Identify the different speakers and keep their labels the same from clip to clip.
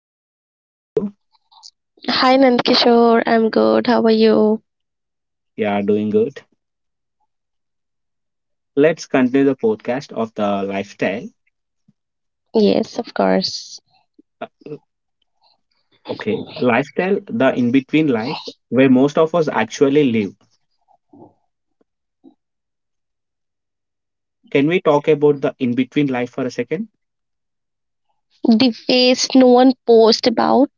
Speaker 1: hi Maimuna, how are you?
Speaker 2: Hi Nandkishore, I'm good. How are you?
Speaker 1: Yeah, doing good. Let's continue the podcast of the lifestyle.
Speaker 2: Yes, of course.
Speaker 1: Uh, Okay, lifestyle, the in between life where most of us actually live. Can we talk about the in between life for a second?
Speaker 2: The face no one posts about,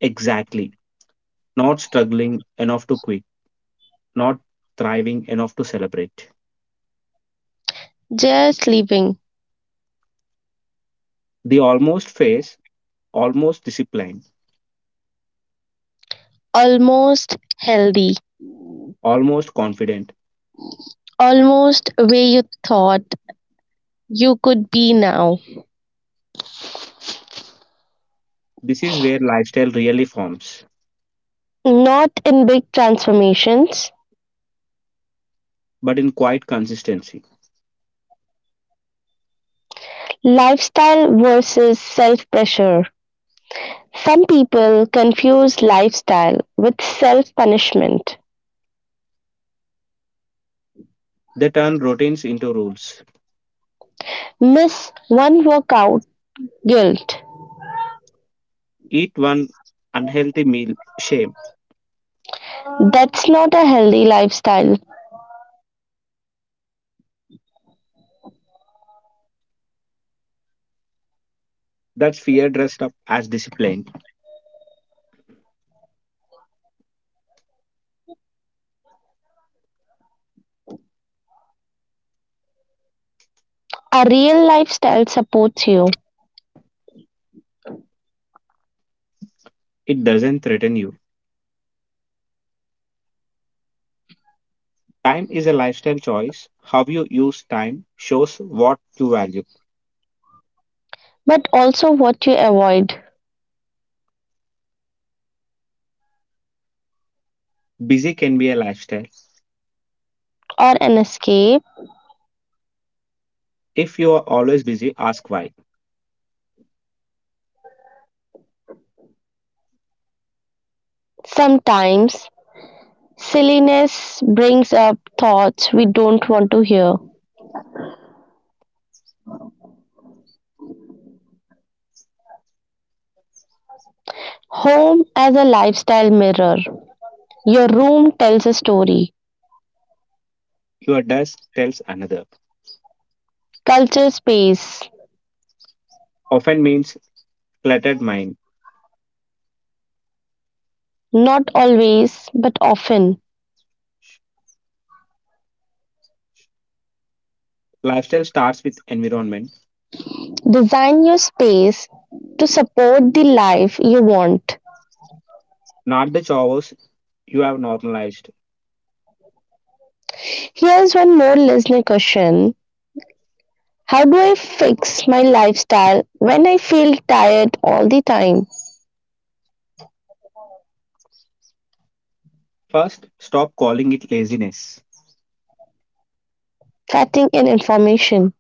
Speaker 1: Exactly. Not struggling enough to quit, not thriving enough to celebrate.
Speaker 2: just living.
Speaker 1: The almost phase, almost disciplined,
Speaker 2: Almost healthy.
Speaker 1: almost confident.
Speaker 2: Almost where you thought you could be now.
Speaker 1: This is where lifestyle really forms,
Speaker 2: Not in big transformations.
Speaker 1: but in quiet consistency.
Speaker 2: Lifestyle versus self pressure. Some people confuse lifestyle with self punishment.
Speaker 1: They turn routines into rules.
Speaker 2: Miss one workout, guilt.
Speaker 1: Eat one unhealthy meal, shame.
Speaker 2: That's not a healthy lifestyle.
Speaker 1: That's fear dressed up as discipline.
Speaker 2: A real lifestyle supports you,
Speaker 1: It doesn't threaten you. Time is a lifestyle choice. How you use time shows what you value.
Speaker 2: but also what you avoid,
Speaker 1: Busy can be a lifestyle.
Speaker 2: or an escape.
Speaker 1: If you are always busy, ask why.
Speaker 2: Sometimes silliness brings up thoughts we don't want to hear. Home as a lifestyle mirror. Your room tells a story.
Speaker 1: Your desk tells another.
Speaker 2: Culture space.
Speaker 1: Often means cluttered mind.
Speaker 2: Not always, but often.
Speaker 1: Lifestyle starts with environment,
Speaker 2: Design your space to support the life you want.
Speaker 1: not the chores you have normalized.
Speaker 2: Here's one more listener question: how do I fix my lifestyle when I feel tired all the time?
Speaker 1: First, stop calling it laziness.
Speaker 2: Fatigue and information.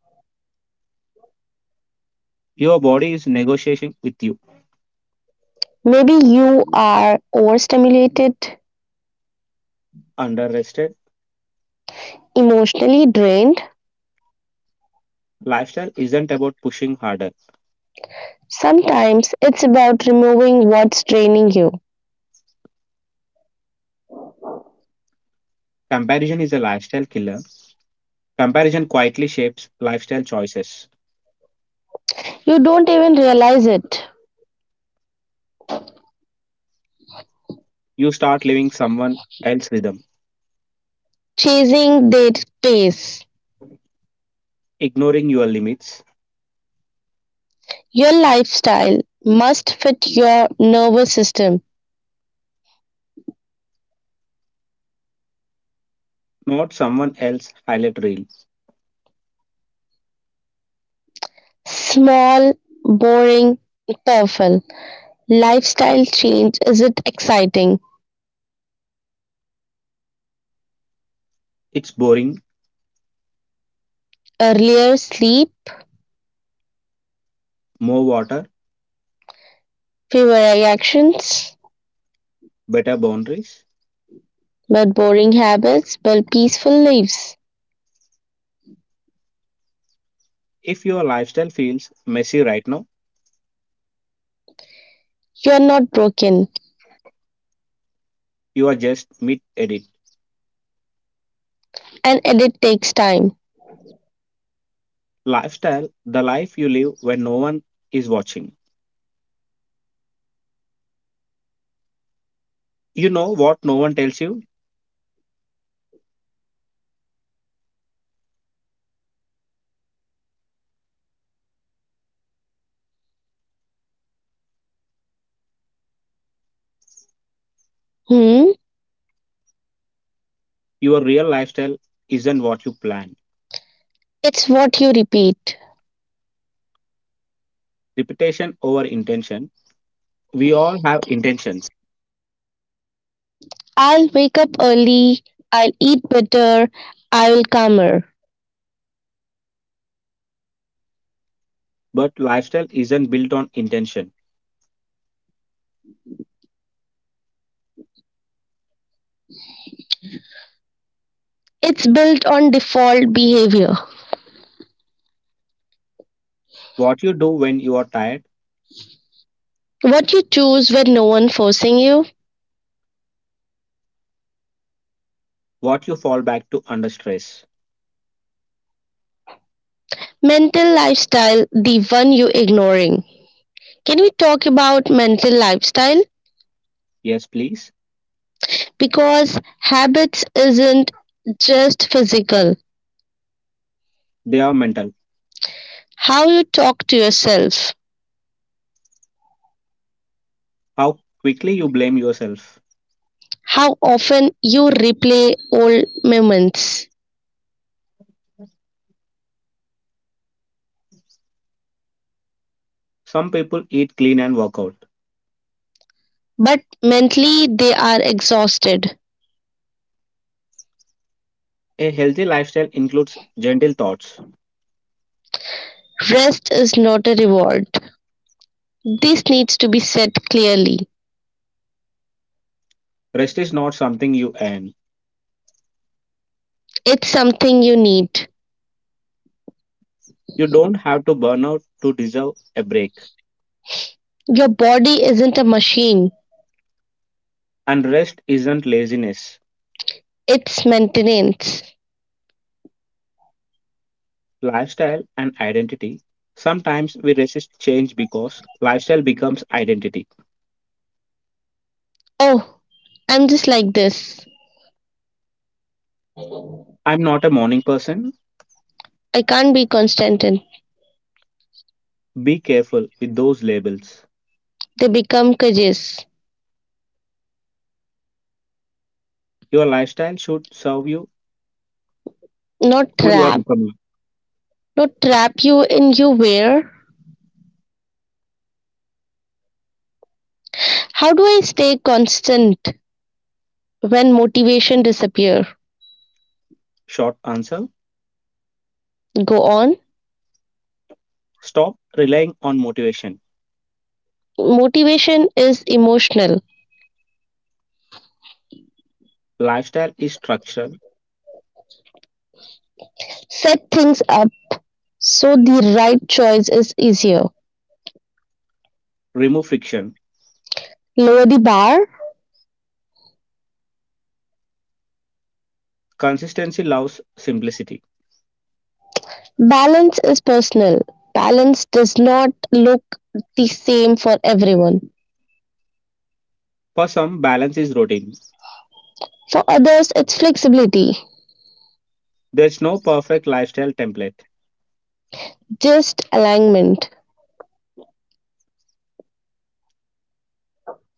Speaker 1: Your body is negotiating with you.
Speaker 2: Maybe you are overstimulated,
Speaker 1: Underrested,
Speaker 2: emotionally drained.
Speaker 1: lifestyle isn't about pushing harder.
Speaker 2: Sometimes it's about removing what's draining you.
Speaker 1: Comparison is a lifestyle killer. Comparison quietly shapes lifestyle choices.
Speaker 2: You don't even realize it.
Speaker 1: You start living someone else's rhythm,
Speaker 2: Chasing that pace.
Speaker 1: ignoring your limits,
Speaker 2: Your lifestyle must fit your nervous system.
Speaker 1: not someone else's highlight reel.
Speaker 2: Small, boring, powerful. Lifestyle change, is it exciting?
Speaker 1: It's boring,
Speaker 2: Earlier sleep,
Speaker 1: more water,
Speaker 2: fewer reactions,
Speaker 1: better boundaries.
Speaker 2: but boring habits build peaceful lives.
Speaker 1: If your lifestyle feels messy right now,
Speaker 2: You are not broken,
Speaker 1: you are just mid edit.
Speaker 2: and edit takes time.
Speaker 1: Lifestyle, the life you live when no one is watching. You know what no one tells you?
Speaker 2: Hmm?
Speaker 1: Your real lifestyle isn't what you plan.
Speaker 2: It's what you repeat.
Speaker 1: Repetition over intention. We all have intentions,
Speaker 2: I'll wake up early, I'll eat better, I will calmer.
Speaker 1: but lifestyle isn't built on intention.
Speaker 2: It's built on default behavior.
Speaker 1: What you do when you are tired,
Speaker 2: What you choose when no one forcing you.
Speaker 1: what you fall back to under stress.
Speaker 2: Mental lifestyle, the one you ignoring. Can we talk about mental lifestyle?
Speaker 1: Yes, please.
Speaker 2: Because habits isn't just physical.
Speaker 1: They are mental.
Speaker 2: How you talk to yourself,
Speaker 1: How quickly you blame yourself.
Speaker 2: how often you replay old moments.
Speaker 1: Some people eat clean and work out.
Speaker 2: But mentally, they are exhausted.
Speaker 1: A healthy lifestyle includes gentle thoughts.
Speaker 2: Rest is not a reward. This needs to be said clearly.
Speaker 1: Rest is not something you earn.
Speaker 2: It's something you need.
Speaker 1: You don't have to burn out to deserve a break.
Speaker 2: Your body isn't a machine,
Speaker 1: And rest isn't laziness.
Speaker 2: it's maintenance.
Speaker 1: Lifestyle and identity. Sometimes we resist change because lifestyle becomes identity.
Speaker 2: Oh, I'm just like this.
Speaker 1: I'm not a morning person.
Speaker 2: I can't be constant. In.
Speaker 1: Be careful with those labels.
Speaker 2: They become cages,
Speaker 1: Your lifestyle should serve you
Speaker 2: not
Speaker 1: who you are
Speaker 2: trap.
Speaker 1: becoming.
Speaker 2: Not trap you in you where? How do I stay constant when motivation disappear?
Speaker 1: Short answer.
Speaker 2: Go on.
Speaker 1: Stop relying on motivation.
Speaker 2: Motivation is emotional.
Speaker 1: Lifestyle is structural.
Speaker 2: Set things up so the right choice is easier.
Speaker 1: Remove friction.
Speaker 2: Lower the bar.
Speaker 1: Consistency loves simplicity.
Speaker 2: Balance is personal. Balance does not look the same for everyone.
Speaker 1: For some, balance is routine.
Speaker 2: For others, it's flexibility,
Speaker 1: There's no perfect lifestyle template.
Speaker 2: just alignment,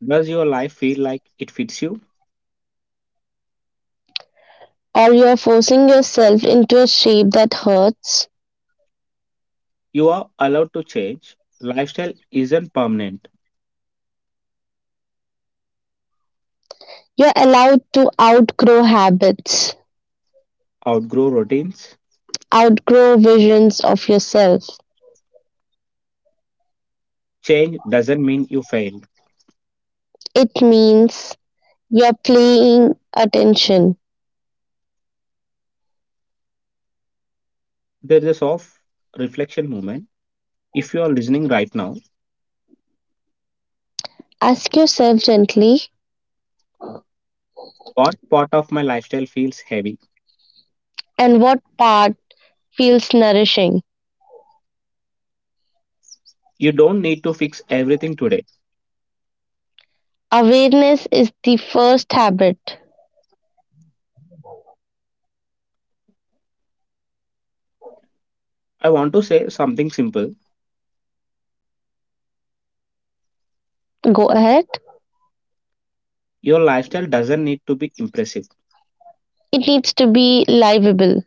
Speaker 1: Does your life feel like it fits you?
Speaker 2: or you're forcing yourself into a shape that hurts.
Speaker 1: You are allowed to change. Lifestyle isn't permanent.
Speaker 2: You're allowed to outgrow habits,
Speaker 1: Outgrow routines.
Speaker 2: outgrow visions of yourself.
Speaker 1: Change doesn't mean you failed.
Speaker 2: It means you're paying attention.
Speaker 1: There is a soft reflection moment. If you are listening right now,
Speaker 2: Ask yourself gently,
Speaker 1: what part of my lifestyle feels heavy?
Speaker 2: and what part feels nourishing?
Speaker 1: You don't need to fix everything today.
Speaker 2: Awareness is the first habit.
Speaker 1: I want to say something simple.
Speaker 2: Go ahead.
Speaker 1: Your lifestyle doesn't need to be impressive.
Speaker 2: It needs to be livable.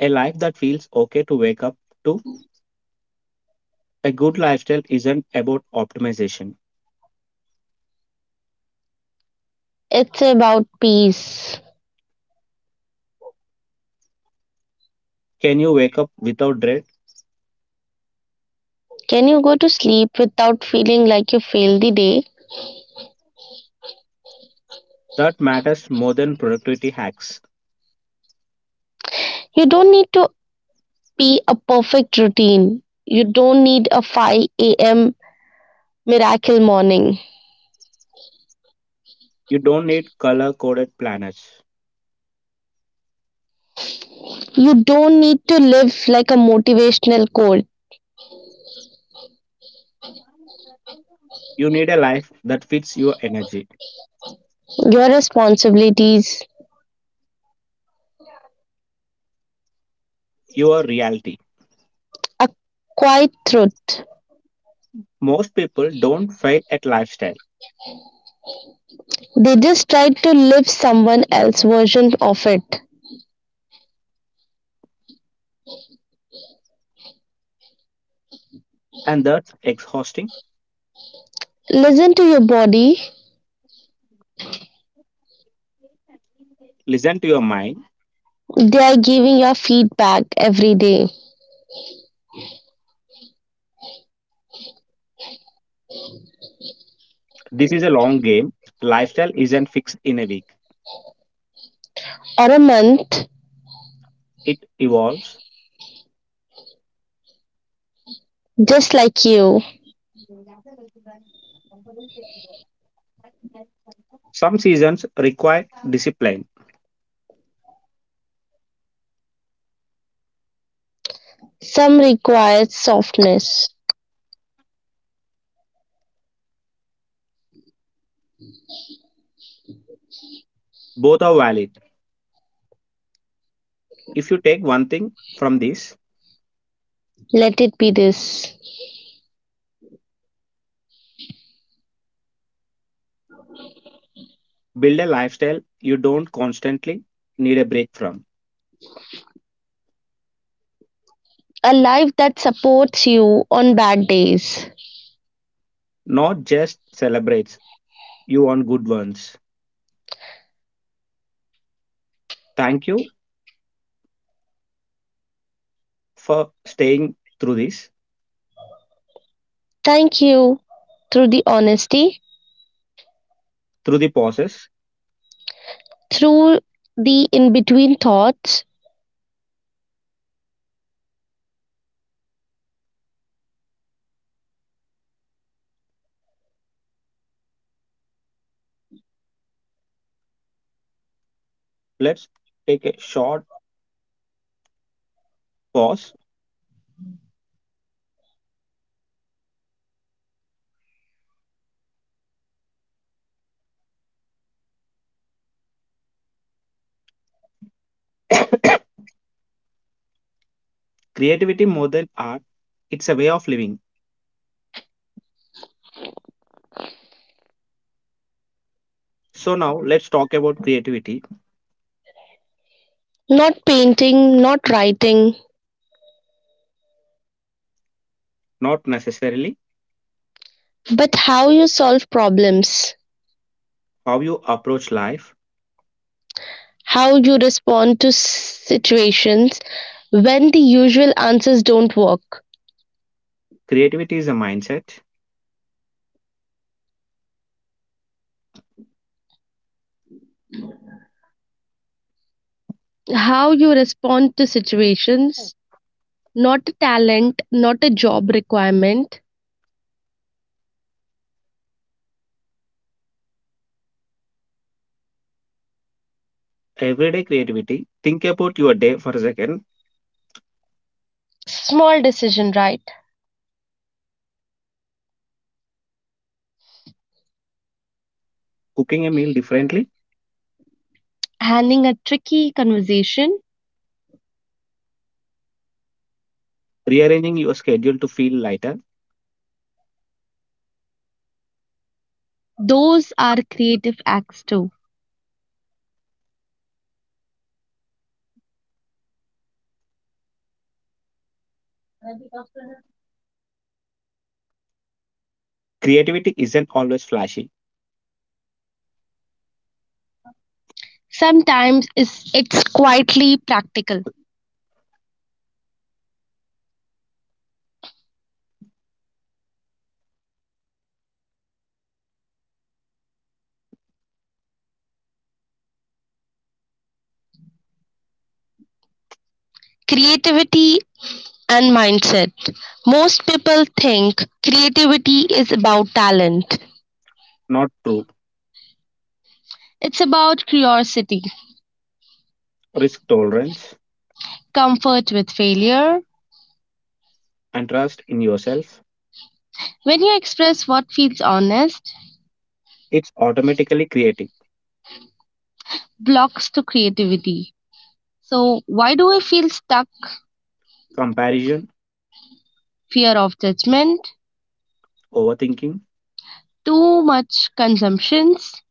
Speaker 1: A life that feels okay to wake up to. A good lifestyle isn't about optimization.
Speaker 2: It's about peace.
Speaker 1: Can you wake up without dread?
Speaker 2: Can you go to sleep without feeling like you failed the day?
Speaker 1: That matters more than productivity hacks.
Speaker 2: You don't need to be a perfect routine. You don't need a 5 a.m. miracle morning.
Speaker 1: You don't need color coded planners.
Speaker 2: You don't need to live like a motivational quote.
Speaker 1: You need a life that fits your energy,
Speaker 2: Your responsibilities
Speaker 1: your reality.
Speaker 2: are quite truth.
Speaker 1: Most people don't fail at lifestyle,
Speaker 2: They just tried to live someone else's version of it.
Speaker 1: and that's exhausting.
Speaker 2: Listen to your body.
Speaker 1: Listen to your mind.
Speaker 2: They are giving your feedback every day.
Speaker 1: This is a long game. Lifestyle isn't fixed in a week,
Speaker 2: Or a month,
Speaker 1: it evolves.
Speaker 2: just like you.
Speaker 1: Some seasons require discipline.
Speaker 2: Some require softness.
Speaker 1: Both are valid. If you take one thing from this,
Speaker 2: Let it be this.
Speaker 1: build a lifestyle you don't constantly need a break from,
Speaker 2: A life that supports you on bad days.
Speaker 1: not just celebrates you on good ones. Thank you for staying through this,
Speaker 2: Thank you through the honesty,
Speaker 1: through the process.
Speaker 2: through the in between thoughts,
Speaker 1: Let's take a short pause. Creativity more than art, it's a way of living. So, now let's talk about creativity,
Speaker 2: not painting, not writing,
Speaker 1: not necessarily
Speaker 2: but how you solve problems,
Speaker 1: how you approach life.
Speaker 2: how you respond to situations when the usual answers don't work,
Speaker 1: Creativity is a mindset.
Speaker 2: how you respond to situations, not a talent, not a job requirement.
Speaker 1: Everyday creativity. Think about your day for a second.
Speaker 2: Small decision, right?
Speaker 1: Cooking a meal differently,
Speaker 2: Handling a tricky conversation.
Speaker 1: rearranging your schedule to feel lighter.
Speaker 2: Those are creative acts too.
Speaker 1: Creativity isn't always flashy,
Speaker 2: Sometimes it's quietly practical. Creativity and mindset. Most people think creativity is about talent.
Speaker 1: not true.
Speaker 2: It's about curiosity,
Speaker 1: Risk tolerance
Speaker 2: comfort with failure.
Speaker 1: and trust in yourself.
Speaker 2: When you express what feels honest,
Speaker 1: It's automatically creative.
Speaker 2: blocks to creativity. So, why do I feel stuck?
Speaker 1: Comparison,
Speaker 2: Fear of judgment,
Speaker 1: overthinking.
Speaker 2: too much consumptions.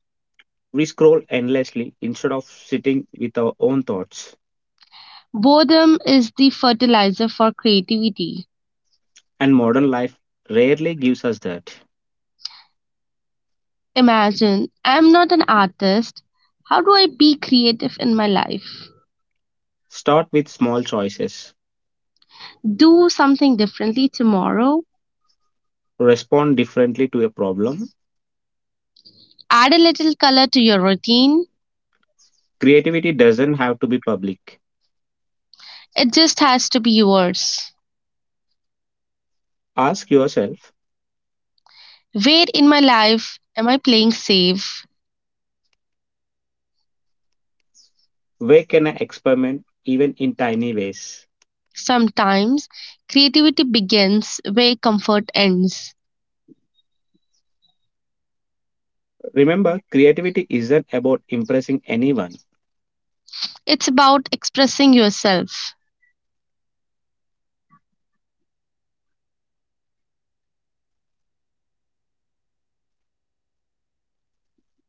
Speaker 1: We scroll endlessly instead of sitting with our own thoughts.
Speaker 2: Boredom is the fertilizer for creativity.
Speaker 1: And modern life rarely gives us that.
Speaker 2: Imagine I'm not an artist. How do I be creative in my life?
Speaker 1: Start with small choices.
Speaker 2: Do something differently tomorrow.
Speaker 1: Respond differently to a problem.
Speaker 2: Add a little color to your routine.
Speaker 1: Creativity doesn't have to be public.
Speaker 2: It just has to be yours.
Speaker 1: Ask yourself,
Speaker 2: Where in my life am I playing safe?
Speaker 1: where can I experiment even in tiny ways?
Speaker 2: Sometimes creativity begins where comfort ends.
Speaker 1: Remember, creativity isn't about impressing anyone.
Speaker 2: It's about expressing yourself.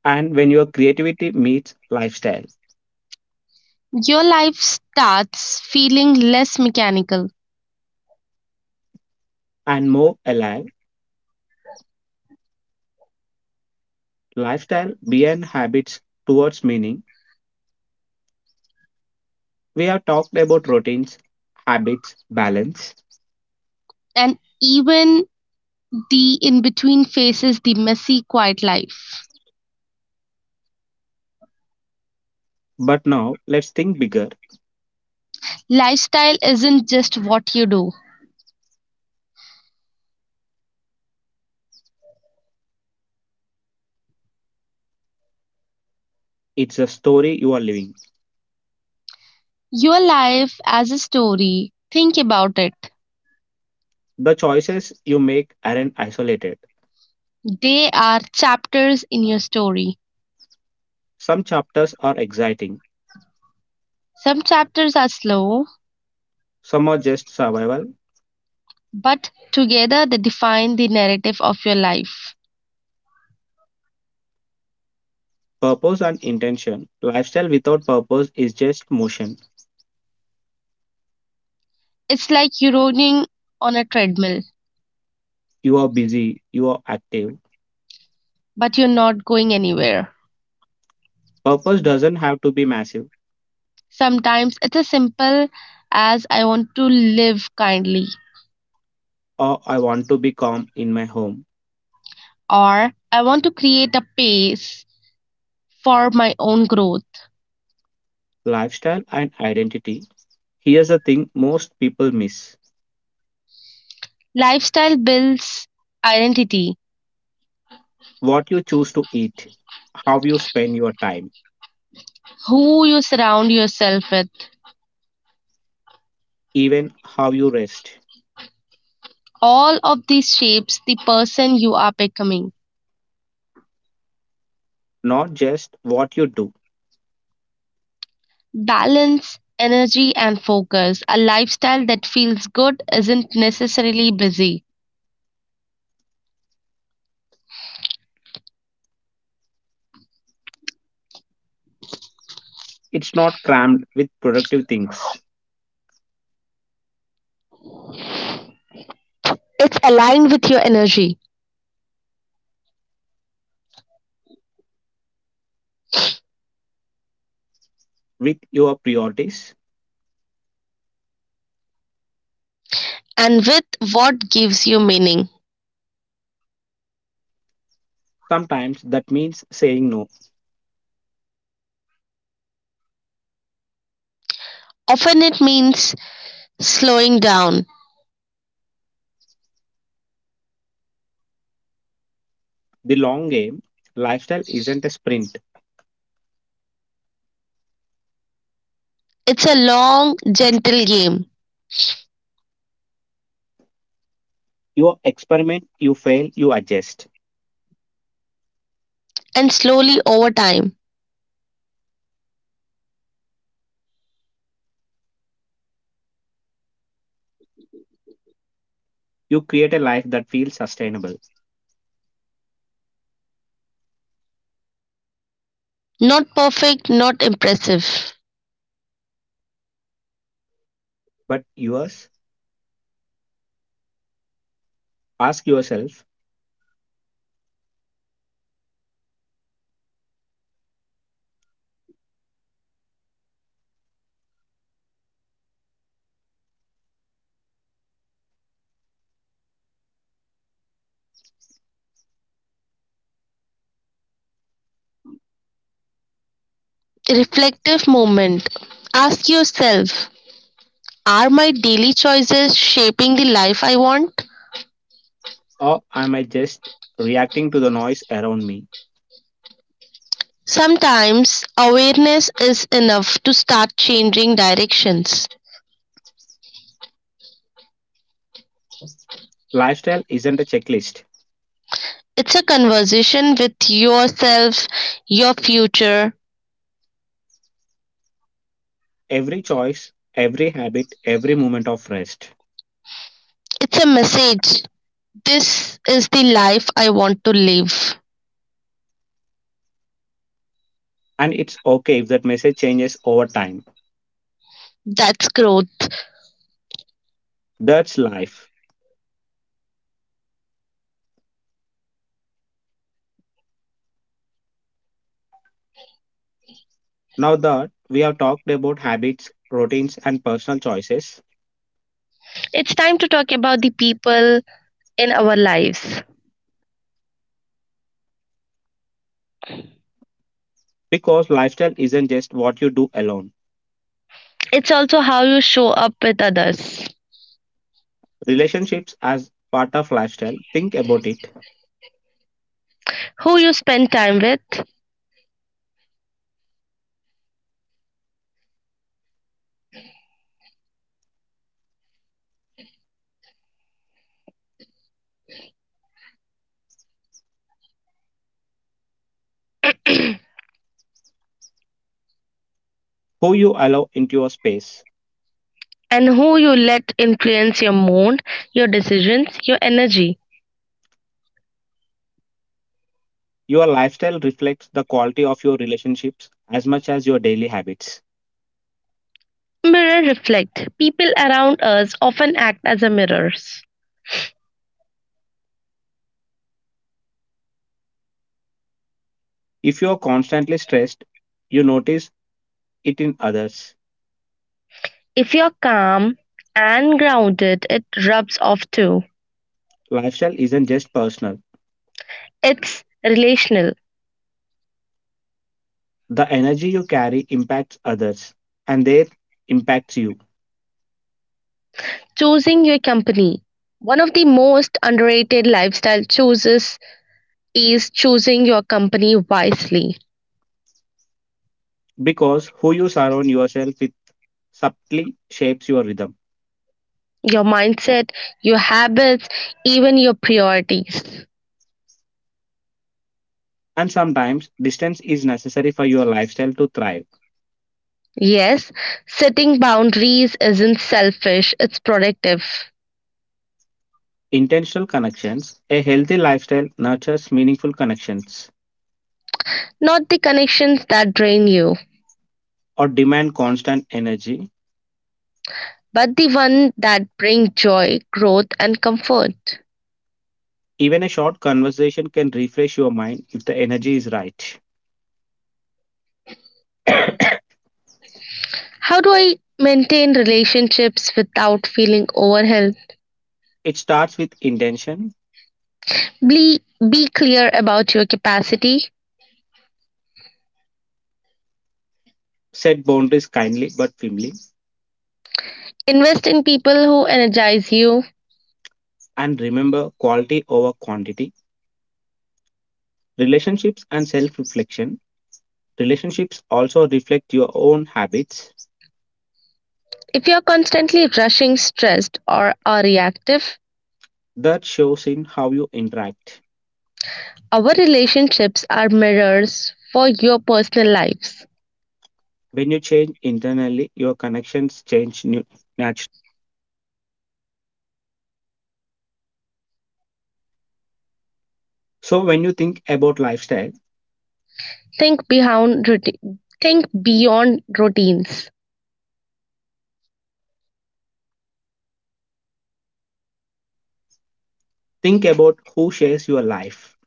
Speaker 1: And when your creativity meets lifestyle
Speaker 2: Your life starts feeling less mechanical,
Speaker 1: and more alive, lifestyle beyond habits towards meaning, we have talked about routines, habits, balance.
Speaker 2: and even the in between phases, the messy, quiet life.
Speaker 1: But now let's think bigger.
Speaker 2: Lifestyle isn't just what you do,
Speaker 1: It's a story you are living.
Speaker 2: your life as a story. Think about it.
Speaker 1: The choices you make aren't isolated.
Speaker 2: They are chapters in your story.
Speaker 1: Some chapters are exciting,
Speaker 2: Some chapters are slow,
Speaker 1: some are just survival,
Speaker 2: but together they define the narrative of your life.
Speaker 1: purpose and intention. Lifestyle without purpose is just motion.
Speaker 2: It's like you're running on a treadmill,
Speaker 1: You are busy, you are active.
Speaker 2: but you're not going anywhere.
Speaker 1: Purpose doesn't have to be massive,
Speaker 2: Sometimes it's as simple as I want to live kindly,
Speaker 1: or I want to be calm in my home.
Speaker 2: or I want to create a pace for my own growth.
Speaker 1: Lifestyle and identity. Here's a thing most people miss:
Speaker 2: Lifestyle builds identity,
Speaker 1: what you choose to eat, how you spend your time,
Speaker 2: who you surround yourself with.
Speaker 1: even how you rest,
Speaker 2: All of these shapes the person you are becoming.
Speaker 1: not just what you do.
Speaker 2: Balance, energy, and focus. A lifestyle that feels good isn't necessarily busy,
Speaker 1: It's not crammed with productive things,
Speaker 2: it's aligned with your energy
Speaker 1: with your priorities.
Speaker 2: and with what gives you meaning.
Speaker 1: Sometimes that means saying no.
Speaker 2: Often it means slowing down.
Speaker 1: The long game, lifestyle isn't a sprint.
Speaker 2: It's a long, gentle game,
Speaker 1: You experiment, you fail, you adjust.
Speaker 2: and slowly over time.
Speaker 1: You create a life that feels sustainable.
Speaker 2: Not perfect, not impressive.
Speaker 1: But yours, ask yourself,
Speaker 2: Reflective moment. Ask yourself, are my daily choices shaping the life I want?
Speaker 1: or am I just reacting to the noise around me?
Speaker 2: Sometimes awareness is enough to start changing directions.
Speaker 1: Lifestyle isn't a checklist.
Speaker 2: It's a conversation with yourself, your future.
Speaker 1: Every choice, every habit, every moment of rest.
Speaker 2: It's a message. This is the life I want to live.
Speaker 1: And it's okay if that message changes over time.
Speaker 2: That's growth.
Speaker 1: That's life. Now that we have talked about habits, routines, and personal choices,
Speaker 2: It's time to talk about the people in our lives.
Speaker 1: because lifestyle isn't just what you do alone.
Speaker 2: It's also how you show up with others,
Speaker 1: Relationships as part of lifestyle. Think about it.
Speaker 2: who you spend time with,
Speaker 1: Who you allow into your space.
Speaker 2: and who you let influence your mood, your decisions, your energy.
Speaker 1: Your lifestyle reflects the quality of your relationships as much as your daily habits.
Speaker 2: Mirror reflect. People around us often act as a mirrors.
Speaker 1: If you are constantly stressed, you notice it in others.
Speaker 2: If you're calm and grounded, it rubs off too.
Speaker 1: Lifestyle isn't just personal.
Speaker 2: It's relational.
Speaker 1: The energy you carry impacts others and they impacts you
Speaker 2: Choosing your company. One of the most underrated lifestyle choices is choosing your company wisely.
Speaker 1: because who you surround yourself with subtly shapes your rhythm.
Speaker 2: Your mindset, your habits, even your priorities.
Speaker 1: And sometimes distance is necessary for your lifestyle to thrive.
Speaker 2: Yes, setting boundaries isn't selfish, it's productive.
Speaker 1: Intentional connections. A healthy lifestyle nurtures meaningful connections
Speaker 2: Not the connections that drain you,
Speaker 1: or demand constant energy.
Speaker 2: but the one that bring joy, growth and comfort.
Speaker 1: Even a short conversation can refresh your mind if the energy is right.
Speaker 2: How do I maintain relationships without feeling overwhelmed?
Speaker 1: It starts with intention.
Speaker 2: Be, be clear about your capacity.
Speaker 1: Set boundaries kindly but firmly.
Speaker 2: Invest in people who energize you.
Speaker 1: And remember quality over quantity. Relationships and self reflection. Relationships also reflect your own habits
Speaker 2: If you're constantly rushing, stressed, or are reactive,
Speaker 1: that shows in how you interact
Speaker 2: our relationships are mirrors for your personal lives.
Speaker 1: when you change internally your connections change naturally. So when you think about lifestyle,
Speaker 2: Think beyond routi- think beyond routines
Speaker 1: think about who shares your life.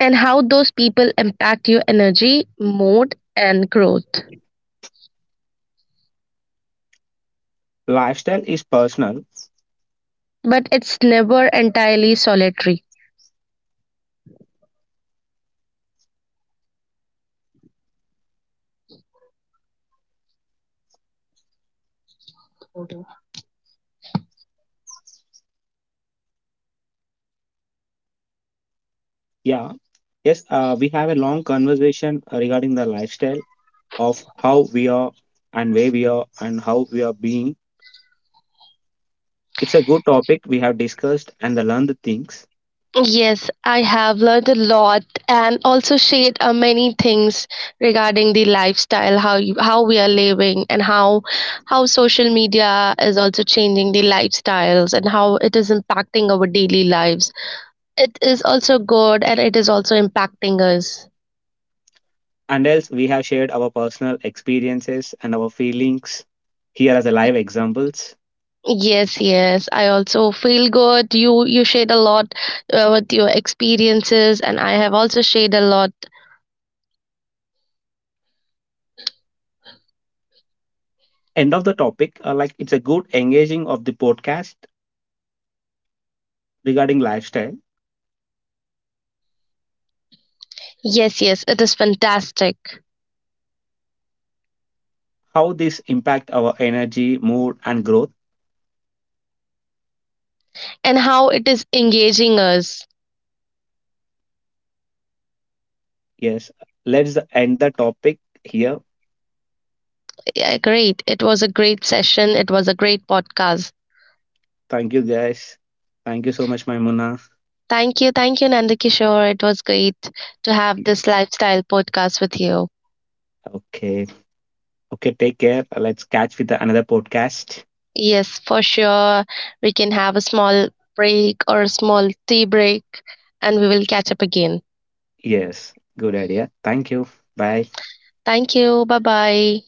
Speaker 2: and how those people impact your energy, mood, and growth.
Speaker 1: Lifestyle is personal.
Speaker 2: But it's never entirely solitary.
Speaker 1: Yeah, yes, we have a long conversation regarding the lifestyle of how we are and where we are and how we are being. It's a good topic we have discussed and the learned things,
Speaker 2: Yes, I have learned a lot and also shared many things regarding the lifestyle, how you, how we are living, and how social media is also changing the lifestyles and how it is impacting our daily lives. It is also good and it is also impacting us.
Speaker 1: and else we have shared our personal experiences and our feelings here as a live examples.
Speaker 2: Yes, yes, I also feel good. You shared a lot with your experiences, and I have also shared a lot.
Speaker 1: End of the topic, like it's a good engaging of the podcast regarding lifestyle,
Speaker 2: Yes, yes, it is fantastic
Speaker 1: how this impact our energy, mood, and growth.
Speaker 2: and how it is engaging us.
Speaker 1: Yes, let's end the topic here.
Speaker 2: Yeah, great. It was a great session. It was a great podcast.
Speaker 1: Thank you guys. Thank you so much, Maimuna.
Speaker 2: Thank you. Thank you, Nandakishore. It was great to have this lifestyle podcast with you.
Speaker 1: Okay, okay, take care. Let's catch with another podcast.
Speaker 2: Yes, for sure. We can have a small break or a small tea break and we will catch up again.
Speaker 1: Yes, good idea. Thank you. Bye.
Speaker 2: Thank you. Bye bye.